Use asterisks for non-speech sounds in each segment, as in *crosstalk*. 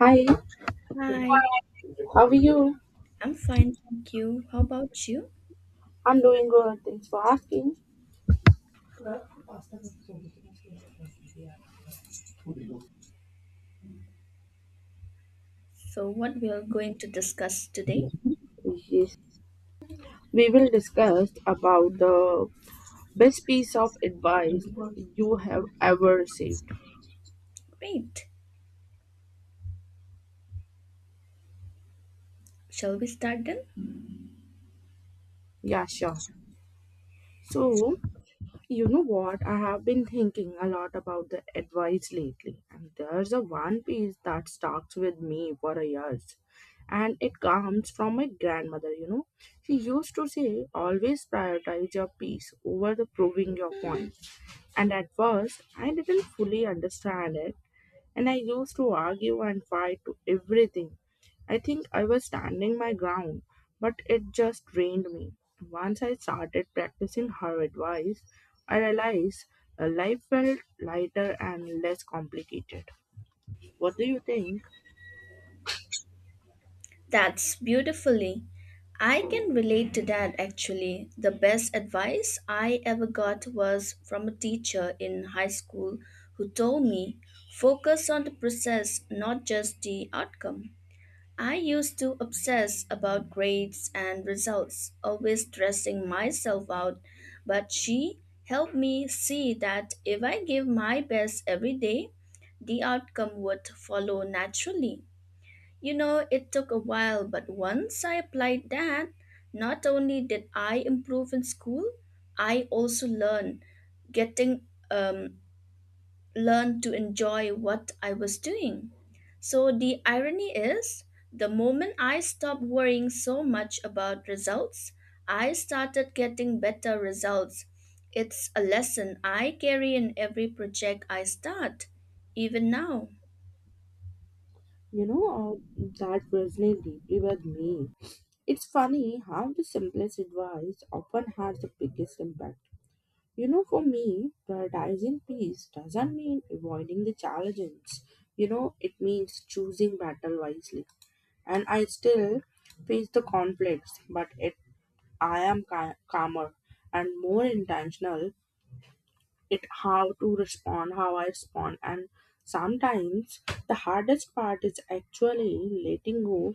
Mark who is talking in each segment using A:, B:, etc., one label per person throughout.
A: Hi,
B: Hi,
A: how are you?
B: I'm fine, thank you. How about you?
A: I'm doing good. Thanks for asking.
B: So, what we are going to discuss today?
A: Yes, we will discuss about the best piece of advice you have ever received.
B: Great. Shall we start then?
A: Yeah, sure. So, you know what? I have been thinking a lot about the advice lately, and there's a one piece that stuck with me for a years, and it comes from my grandmother. You know, she used to say, "Always prioritize your peace over the proving your point." And at first, I didn't fully understand it, and I used to argue and fight to everything. I think I was standing my ground, but it just drained me. Once I started practicing her advice, I realized life felt lighter and less complicated. What do you think?
B: That's beautifully. I can relate to that actually. The best advice I ever got was from a teacher in high school who told me focus on the process, not just the outcome. I used to obsess about grades and results, always stressing myself out, but she helped me see that if I give my best every day, the outcome would follow naturally. You know, it took a while, but once I applied that, not only did I improve in school, I also learned getting learn to enjoy what I was doing. So the irony is, the moment I stopped worrying so much about results, I started getting better results. It's a lesson I carry in every project I start. Even now,
A: You know, that resonates deeply with me. It's funny how the simplest advice often has the biggest impact. You know, for me, prioritizing peace doesn't mean avoiding the challenges. You know, it means choosing battle wisely. And I still face the conflicts, but it I am calmer and more intentional. It how to respond, how I respond, and sometimes the hardest part is actually letting go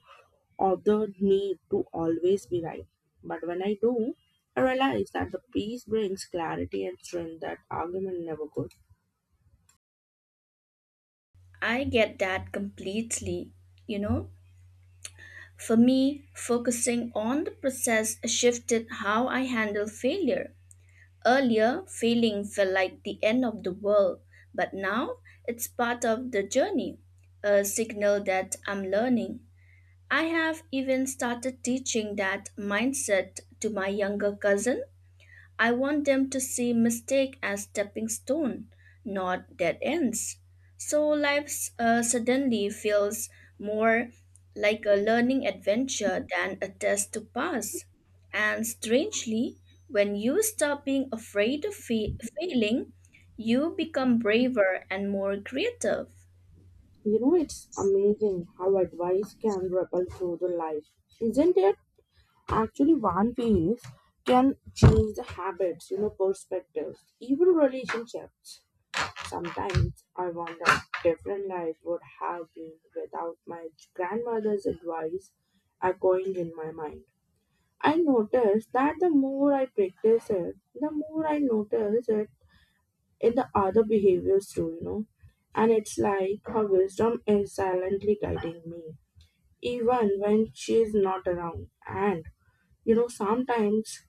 A: author need to always be right. But when I do, I realize that the peace brings clarity and strength that argument never could.
B: I get that completely, you know? For me, focusing on the process shifted how I handle failure. Earlier, failing felt like the end of the world, but now it's part of the journey, a signal that I'm learning. I have even started teaching that mindset to my younger cousin. I want them to see mistake as stepping stone, not dead ends. So life suddenly feels more like a learning adventure than a test to pass. And strangely, when you stop being afraid of failing, you become braver and more creative.
A: You know, it's amazing how advice can ripple through the life, isn't it? Actually, one piece can change the habits, you know, perspectives, even relationships. Sometimes I wonder different life would have been without my grandmother's advice echoing in my mind. I noticed that the more I practice it, the more I notice it in the other behaviors too, you know. And it's like her wisdom is silently guiding me, even when she's not around. And, you know, sometimes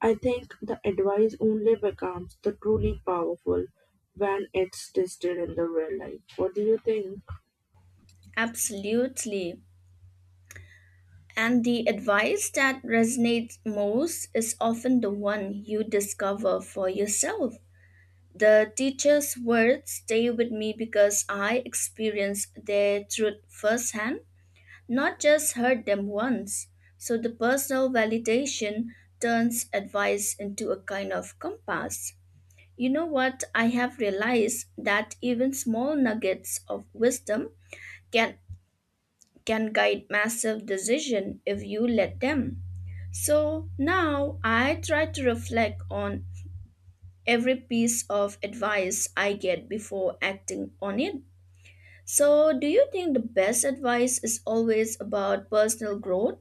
A: I think the advice only becomes the truly powerful when it's tested in the real life. What do you think?
B: Absolutely. And the advice that resonates most is often the one you discover for yourself. The teacher's words stay with me because I experienced their truth firsthand, not just heard them once. So the personal validation turns advice into a kind of compass. You know what? I have realized that even small nuggets of wisdom can guide massive decision if you let them. So now I try to reflect on every piece of advice I get before acting on it. So, do you think the best advice is always about personal growth,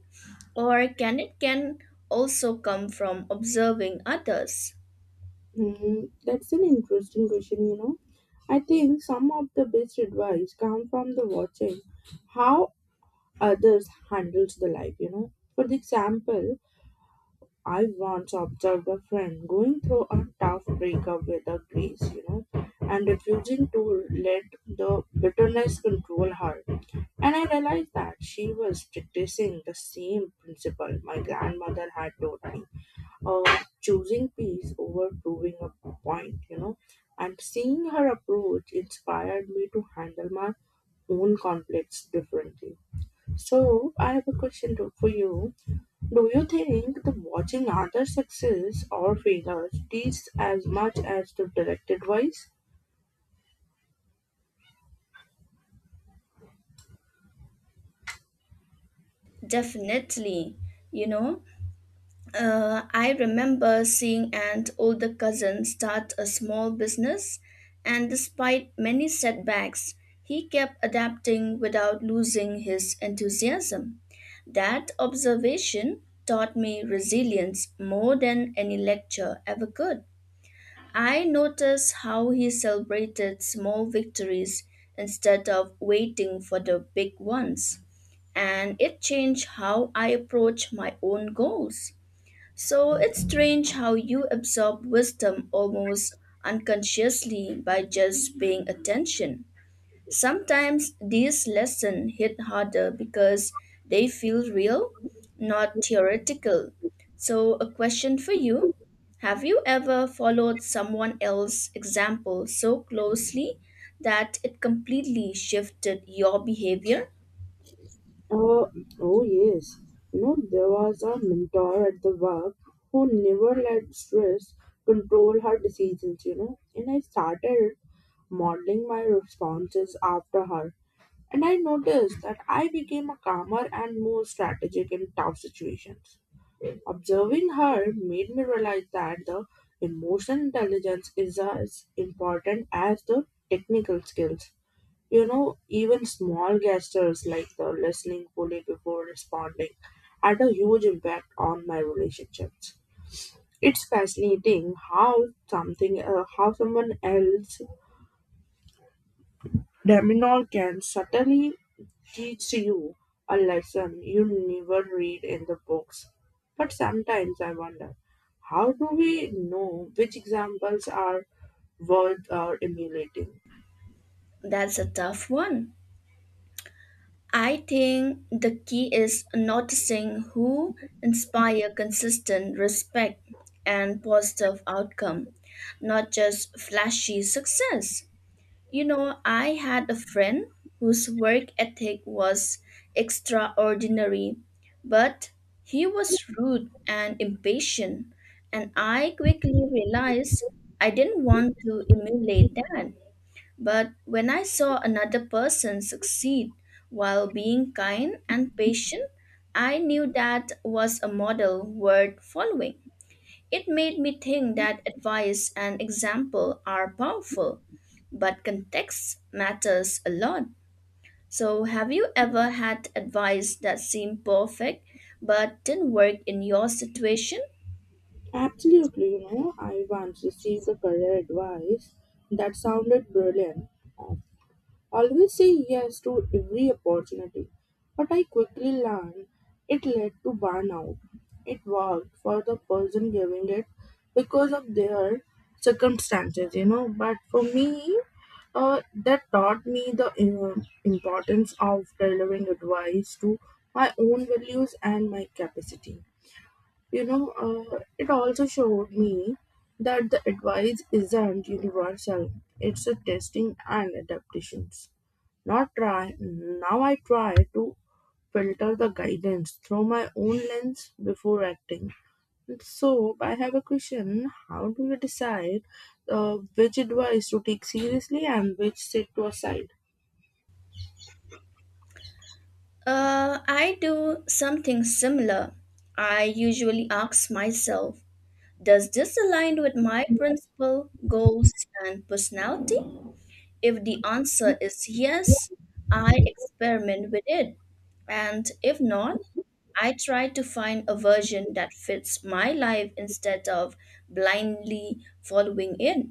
B: or can it can also come from observing others?
A: Hmm, that's an interesting question, you know. I think some of the best advice come from the watching how others handles the life, you know. For the example, I once observed a friend going through a tough breakup with a grace, you know, and refusing to let the bitterness control her. And I realized that she was practicing the same principle my grandmother had taught me of choosing peace over proving a point, you know. And seeing her approach inspired me to handle my own conflicts differently. So I have a question for you. Do you think the watching other success or failures teaches as much as the direct advice?
B: Definitely, you know. I remember seeing an older cousin start a small business, and despite many setbacks, he kept adapting without losing his enthusiasm. That observation taught me resilience more than any lecture ever could. I noticed how he celebrated small victories instead of waiting for the big ones, and it changed how I approach my own goals. So it's strange how you absorb wisdom almost unconsciously by just paying attention. Sometimes these lessons hit harder because they feel real, not theoretical. So, a question for you. Have you ever followed someone else's example so closely that it completely shifted your behavior?
A: Uh, oh, yes. You know, there was a mentor at the work who never let stress control her decisions, you know. And I started modeling my responses after her. And I noticed that I became a calmer and more strategic in tough situations. Observing her made me realize that the emotional intelligence is as important as the technical skills. You know, even small gestures like the listening fully before responding had a huge impact on my relationships. It's fascinating how how someone else Deminor can certainly teach you a lesson you never read in the books. But sometimes I wonder, how do we know which examples are worth emulating?
B: That's a tough one. I think the key is noticing who inspire consistent respect and positive outcome, not just flashy success. You know, I had a friend whose work ethic was extraordinary, but he was rude and impatient, and I quickly realized I didn't want to emulate that. But when I saw another person succeed while being kind and patient, I knew that was a model worth following. It made me think that advice and example are powerful, but context matters a lot. So, have you ever had advice that seemed perfect but didn't work in your situation?
A: Absolutely, you know, I once received a career advice that sounded brilliant. Always say yes to every opportunity, but I quickly learned it led to burnout. It worked for the person giving it because of their circumstances, you know, but for me, that taught me the importance of delivering advice to my own values and my capacity. You know, it also showed me that the advice isn't universal, it's a testing and adaptations. Not try now I try to filter the guidance through my own lens before acting. So I have a question: How do you decide which advice to take seriously and which sit to a side?
B: I do something similar. I usually ask myself, does this align with my principle, goals, and personality? If the answer is yes, I experiment with it. And if not, I try to find a version that fits my life instead of blindly following it.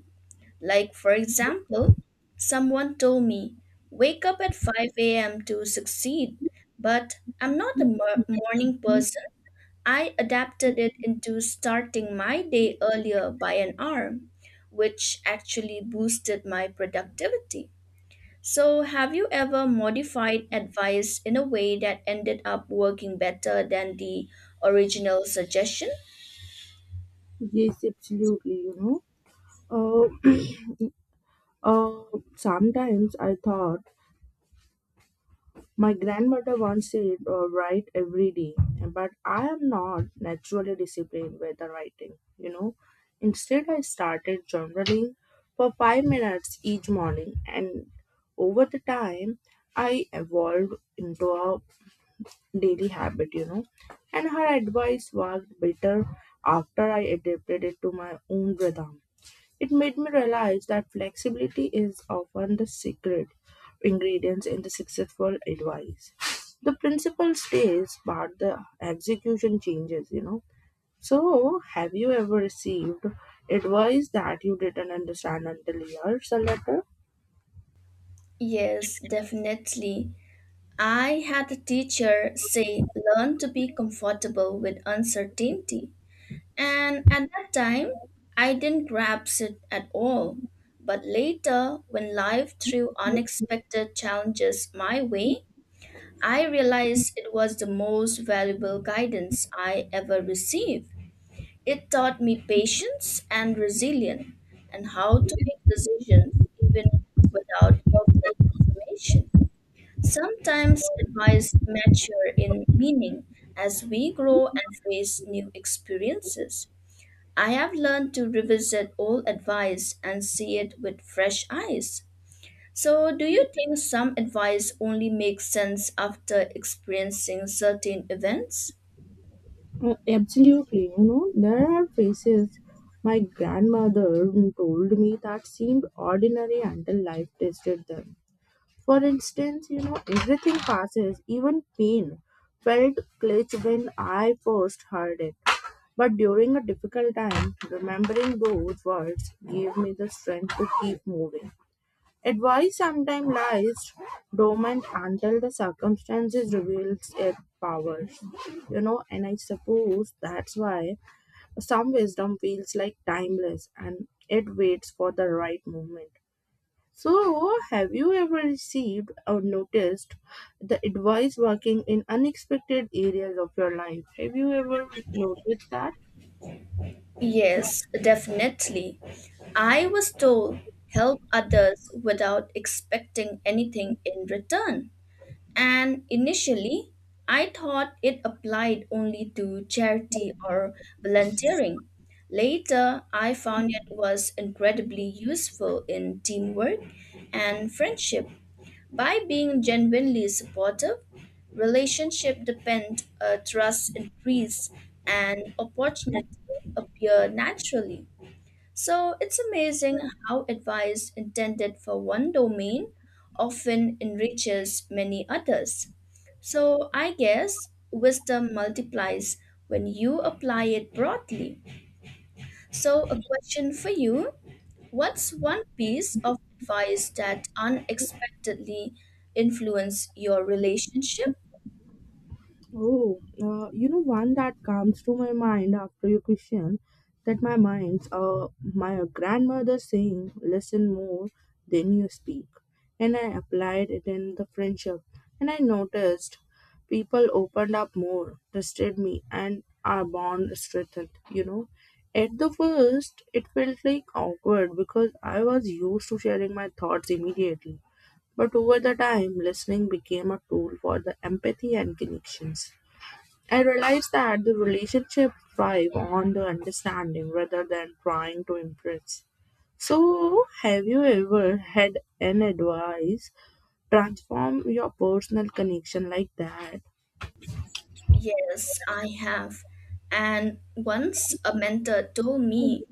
B: Like, for example, someone told me, wake up at 5 a.m. to succeed, but I'm not a morning person. I adapted it into starting my day earlier by an hour, which actually boosted my productivity. So, have you ever modified advice in a way that ended up working better than the original suggestion?
A: Yes, absolutely. You know, uh, *clears throat* uh, sometimes I thought. My grandmother once said, write every day, but I am not naturally disciplined with the writing, you know. Instead, I started journaling for 5 minutes each morning, and over the time, I evolved into a daily habit, you know. And her advice worked better after I adapted it to my own rhythm. It made me realize that flexibility is often the secret ingredients in the successful advice. The principle stays, but the execution changes, you know. So, have you ever received advice that you didn't understand until years later?
B: Yes, definitely. I had a teacher say, learn to be comfortable with uncertainty. And at that time, I didn't grasp it at all. But later, when life threw unexpected challenges my way, I realized it was the most valuable guidance I ever received. It taught me patience and resilience and how to make decisions even without perfect information. Sometimes advice mature in meaning as we grow and face new experiences. I have learned to revisit old advice and see it with fresh eyes. So, do you think some advice only makes sense after experiencing certain events?
A: Mm, absolutely, you know, there are phrases my grandmother told me that seemed ordinary until life tested them. For instance, you know, everything passes, even pain. Felt glitch when I first heard it. But during a difficult time, remembering those words gave me the strength to keep moving. Advice sometimes lies dormant until the circumstances reveals its powers. You know, and I suppose that's why some wisdom feels like timeless and it waits for the right moment. So, have you ever received or noticed the advice working in unexpected areas of your life? Have you ever noticed that?
B: Yes, definitely. I was told help others without expecting anything in return. And initially, I thought it applied only to charity or volunteering. Later, I found it was incredibly useful in teamwork and friendship. By being genuinely supportive, relationship depend, trust increase, and opportunity appear naturally. So it's amazing how advice intended for one domain often enriches many others. So I guess wisdom multiplies when you apply it broadly. So, a question for you. What's one piece of advice that unexpectedly influenced your relationship?
A: Oh, you know, one that comes to my mind after your question, that my mind's my grandmother saying, listen more than you speak. And I applied it in the friendship. And I noticed people opened up more, trusted me, and our bond strengthened, you know. At the first, it felt like awkward because I was used to sharing my thoughts immediately. But over the time, listening became a tool for the empathy and connections. I realized that the relationship thrive on the understanding rather than trying to impress. So, have you ever had an advice transform your personal connection like that?
B: Yes, I have. And once a mentor told me,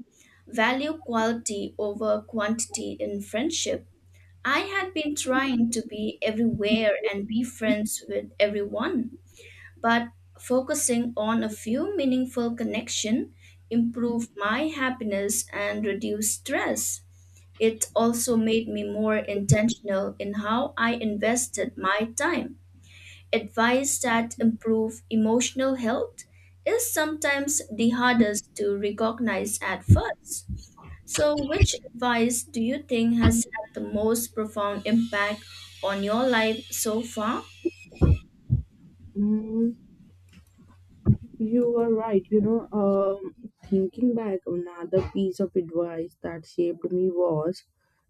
B: value quality over quantity in friendship. I had been trying to be everywhere and be friends with everyone, but focusing on a few meaningful connections improved my happiness and reduced stress. It also made me more intentional in how I invested my time. Advice that improve emotional health is sometimes the hardest to recognize at first. So, which advice do you think has had the most profound impact on your life so far?
A: Mm, you were right. You know, thinking back, another piece of advice that shaped me was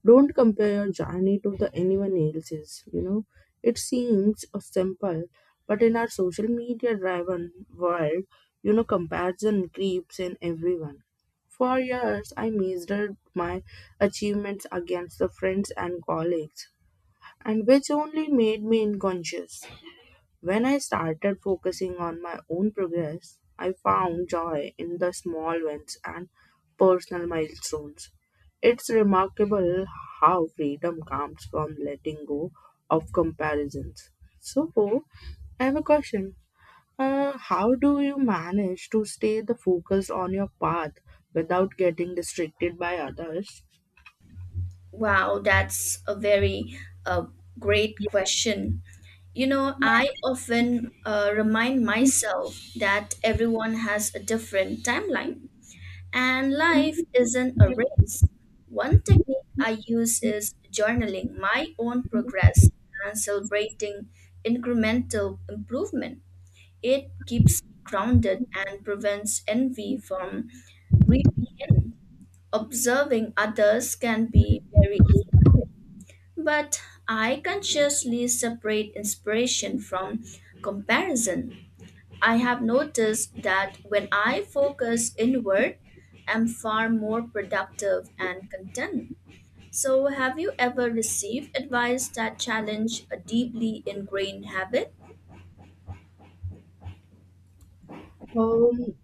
A: don't compare your journey to the anyone else's. You know, it seems simple, but in our social media driven world, you know, comparison creeps in everyone. For years, I measured my achievements against the friends and colleagues, and which only made me unconscious. When I started focusing on my own progress, I found joy in the small wins and personal milestones. It's remarkable how freedom comes from letting go of comparisons. So, I have a question. How do you manage to stay the focus on your path without getting distracted by others?
B: Wow, that's a very uh, great question. You know, I often remind myself that everyone has a different timeline. And life isn't a race. One technique I use is journaling my own progress and celebrating incremental improvement. It keeps me grounded and prevents envy from creeping in. Observing others can be very, but I consciously separate inspiration from comparison. I have noticed that when I focus inward, I'm far more productive and content. So, have you ever received advice that challenged a deeply ingrained habit?
A: Um,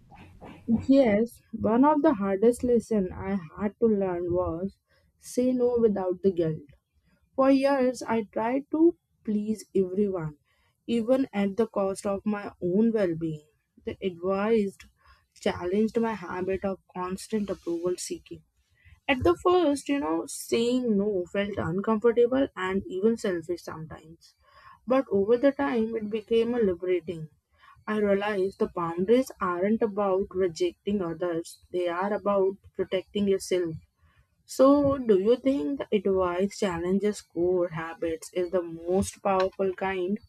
A: Yes, one of the hardest lessons I had to learn was say no without the guilt. For years, I tried to please everyone, even at the cost of my own well being. The advice challenged my habit of constant approval seeking. At the first, you know, saying no felt uncomfortable and even selfish sometimes. But over the time, it became a liberating. I realized the boundaries aren't about rejecting others, they are about protecting yourself. So, do you think the advice challenges core habits is the most powerful kind?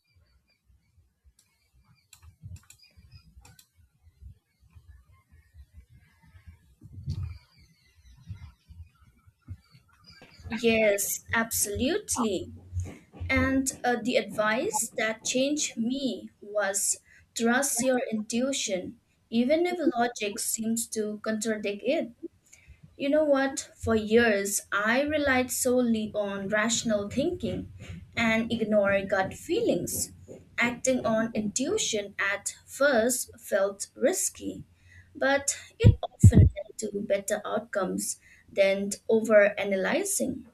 B: Yes, absolutely. And the advice that changed me was trust your intuition, even if logic seems to contradict it. You know what? For years, I relied solely on rational thinking and ignored gut feelings. Acting on intuition at first felt risky, but it often led to better outcomes than overanalyzing.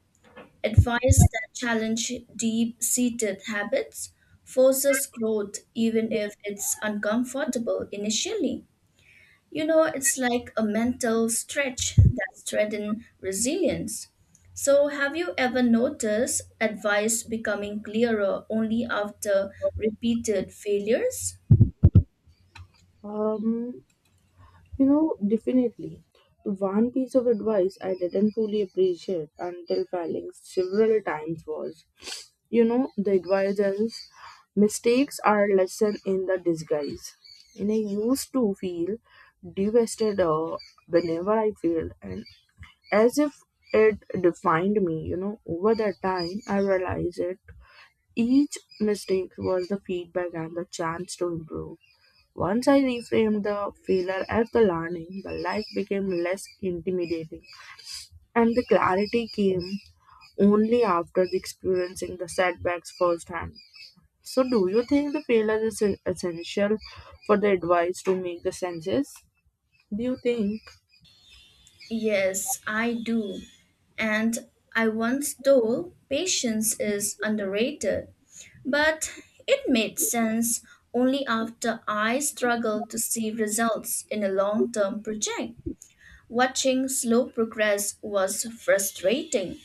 B: Advice that challenges deep seated habits forces growth even if it's uncomfortable initially. You know, it's like a mental stretch that strengthens resilience. So, have you ever noticed advice becoming clearer only after repeated failures?
A: Um, You know, definitely. One piece of advice I didn't fully appreciate until failing several times was, you know, the advice is mistakes are a lesson in the disguise. And I used to feel devastated whenever I failed, and as if it defined me. You know, over that time, I realized it. Each mistake was the feedback and the chance to improve. Once I reframed the failure as the learning, the life became less intimidating, and the clarity came only after the experiencing the setbacks firsthand. So, do you think the failure is essential for the advice to make the senses? Do you think?
B: Yes, I do. And I once told patience is underrated, but it made sense only after I struggled to see results in a long term project. Watching slow progress was frustrating,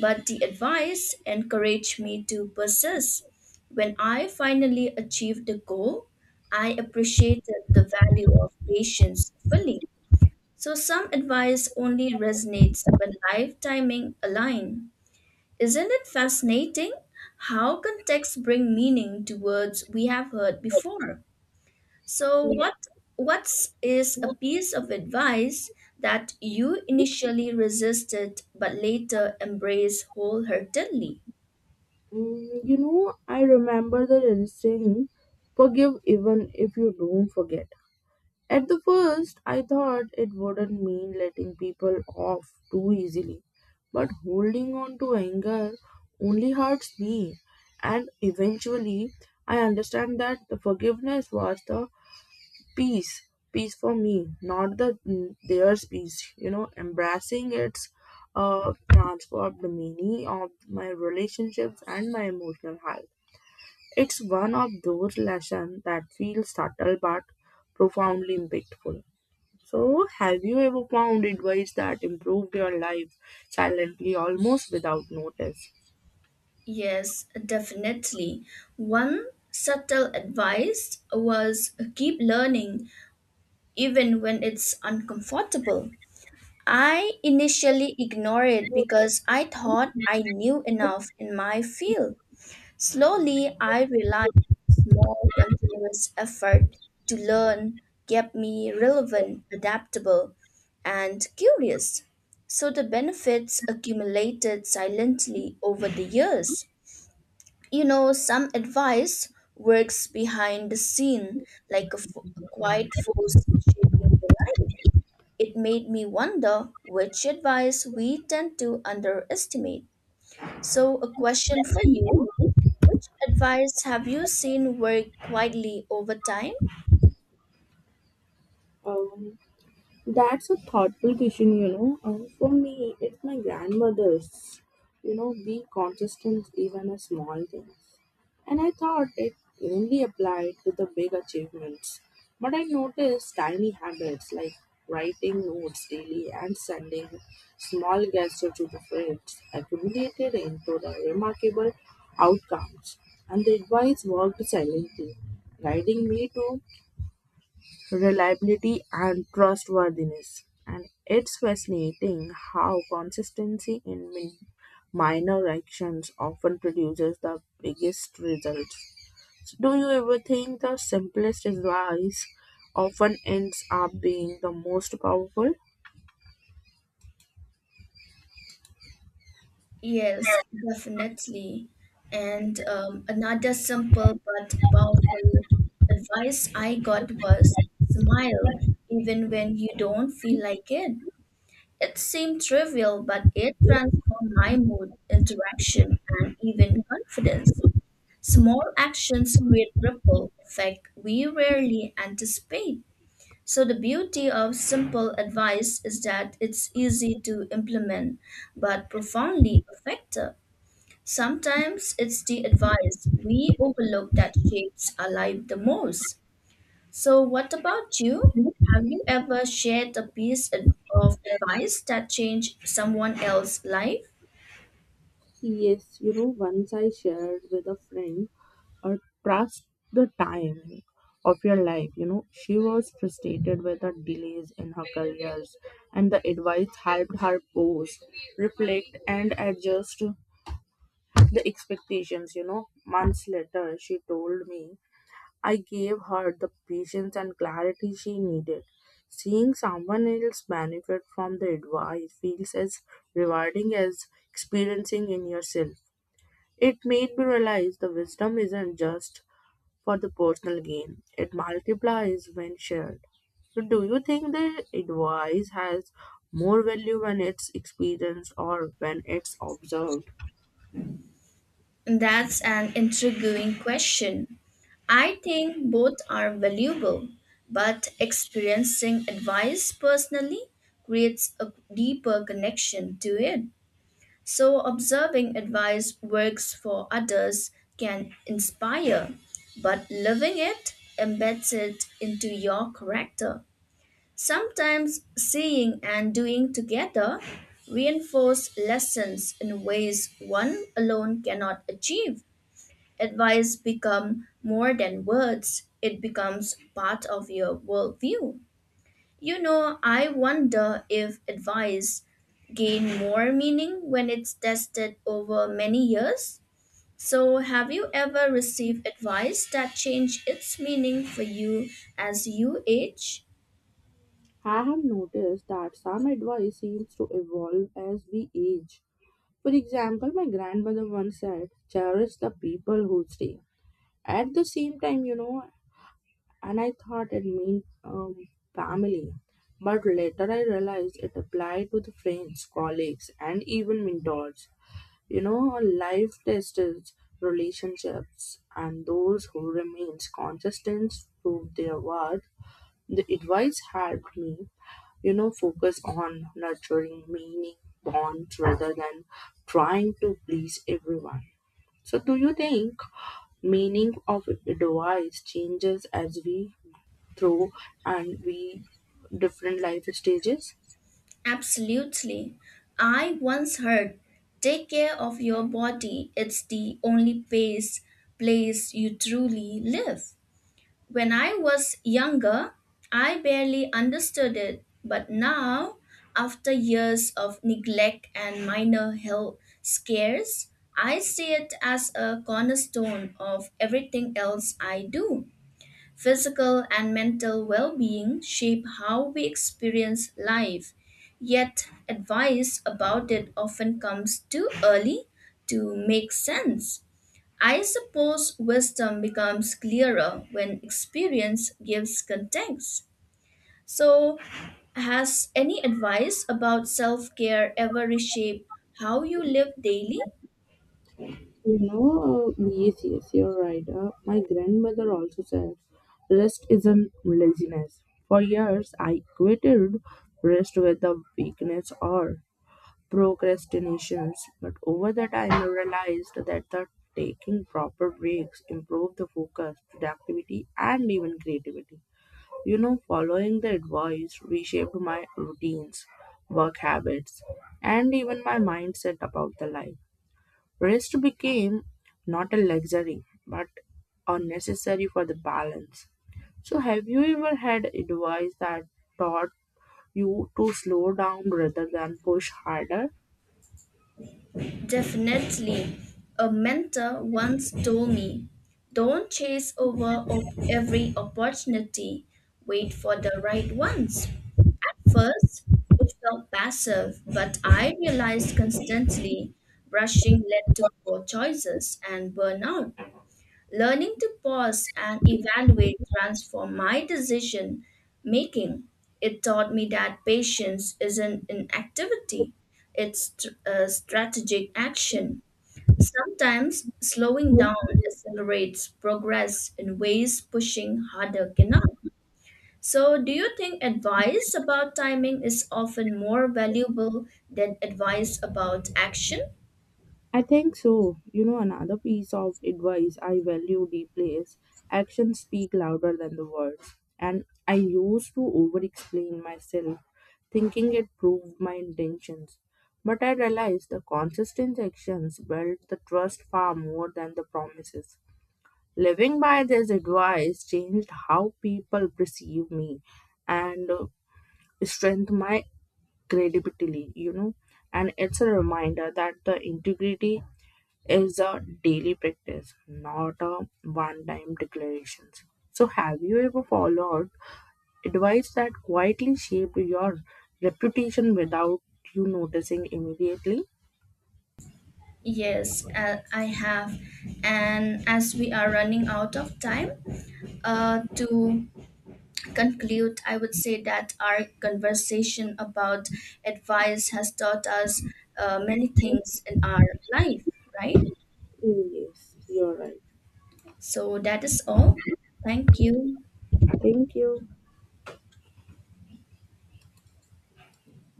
B: but the advice encouraged me to persist. When I finally achieved the goal, I appreciated the value of patience fully. So some advice only resonates when life timing align. Isn't it fascinating how context bring meaning to words we have heard before? So what's is a piece of advice that you initially resisted but later embraced wholeheartedly?
A: Mm, you know, I remember the saying, forgive even if you don't forget. At the first, I thought it wouldn't mean letting people off too easily, but holding on to anger only hurts me. And eventually, I understand that the forgiveness was the peace for me, not the theirs peace. You know, embracing it's transformed many of my relationships and my emotional health. It's one of those lessons that feels subtle but profoundly impactful. So, have you ever found advice that improved your life silently almost without notice?
B: Yes, definitely. One subtle advice was keep learning even when it's uncomfortable. I initially ignored it because I thought I knew enough in my field. Slowly, I realized small, continuous effort to learn kept me relevant, adaptable, and curious. So the benefits accumulated silently over the years. You know, some advice works behind the scene like a quiet force shaping your life. It made me wonder which advice we tend to underestimate. So, a question for you. Which advice have you seen work widely over time?
A: That's a thoughtful question, you know. For me, it's my grandmother's, you know, be consistent even in small things. And I thought it only applied to the big achievements. But I noticed tiny habits like writing notes daily and sending small gestures to the friends accumulated into the remarkable outcomes. And the advice worked silently, guiding me to reliability and trustworthiness. And it's fascinating how consistency in minor actions often produces the biggest results. So do you ever think the simplest advice often ends up being the most powerful?
B: Yes, definitely. And another simple but powerful advice I got was smile even when you don't feel like it. It seemed trivial, but it transformed my mood, interaction, and even confidence. Small actions create ripple effect we rarely anticipate. So, the beauty of simple advice is that it's easy to implement but profoundly effective. Sometimes it's the advice we overlook that shapes our life the most. So, what about you? Have you ever shared a of advice that changed someone else's life?
A: Yes, you know, once I shared with a friend, uh, trust the time of your life. You know, she was frustrated with the delays in her careers, and the advice helped her pause, reflect, and adjust the expectations. You know, months later, she told me I gave her the patience and clarity she needed. Seeing someone else benefit from the advice feels as rewarding as experiencing in yourself. It made me realize the wisdom isn't just for the personal gain, it multiplies when shared. So, do you think the advice has more value when it's experienced or when it's observed?
B: That's an intriguing question. I think both are valuable, but experiencing advice personally creates a deeper connection to it. So, observing advice works for others can inspire, but living it embeds it into your character. Sometimes seeing and doing together reinforce lessons in ways one alone cannot achieve. Advice become more than words, it becomes part of your worldview. You know, I wonder if advice gain more meaning when it's tested over many years. So, have you ever received advice that changed its meaning for you as you age?
A: I have noticed that some advice seems to evolve as we age. For example, my grandmother once said, cherish the people who stay. At the same time, you know, and I thought it meant family. But later I realized it applied to the friends, colleagues, and even mentors. You know, life tests relationships, and those who remains consistent prove their worth. The advice helped me, you know, focus on nurturing meaning bonds rather than trying to please everyone. So, do you think meaning of advice changes as we through and we different life stages?
B: Absolutely. I once heard, take care of your body, it's the only place you truly live. When I was younger, I barely understood it, but now, after years of neglect and minor health scares, I see it as a cornerstone of everything else I do. Physical and mental well being shape how we experience life, yet, advice about it often comes too early to make sense. I suppose wisdom becomes clearer when experience gives context. So, has any advice about self care ever reshaped how you live daily?
A: You know, yes, yes, you're right. My grandmother also said, rest isn't laziness. For years, I equated rest with the weakness or procrastinations. But over the time, I realized that the taking proper breaks improve the focus, productivity, and even creativity. You know, following the advice reshaped my routines, work habits, and even my mindset about the life. Rest became not a luxury but a necessary for the balance. So, have you ever had advice that taught you to slow down rather than push harder?
B: Definitely. A mentor once told me, don't chase every opportunity, wait for the right ones. At first, it felt passive, but I realized constantly rushing led to poor choices and burnout. Learning to pause and evaluate transformed my decision making. It taught me that patience isn't inactivity, it's a strategic action. Sometimes slowing down accelerates progress in ways pushing harder cannot. So, do you think advice about timing is often more valuable than advice about action?
A: I think so. You know, another piece of advice I value deeply is actions speak louder than the words. And I used to over explain myself, thinking it proved my intentions. But I realized the consistent actions built the trust far more than the promises. Living by this advice changed how people perceive me and strengthened my credibility, you know. And it's a reminder that the integrity is a daily practice, not a one time declarations. So, have you ever followed advice that quietly shaped your reputation without you noticing immediately?
B: Yes, I have. And as we are running out of time, to conclude, I would say that our conversation about advice has taught us many things in our life, right?
A: Yes, you're right.
B: So that is all. Thank you.
A: Thank you.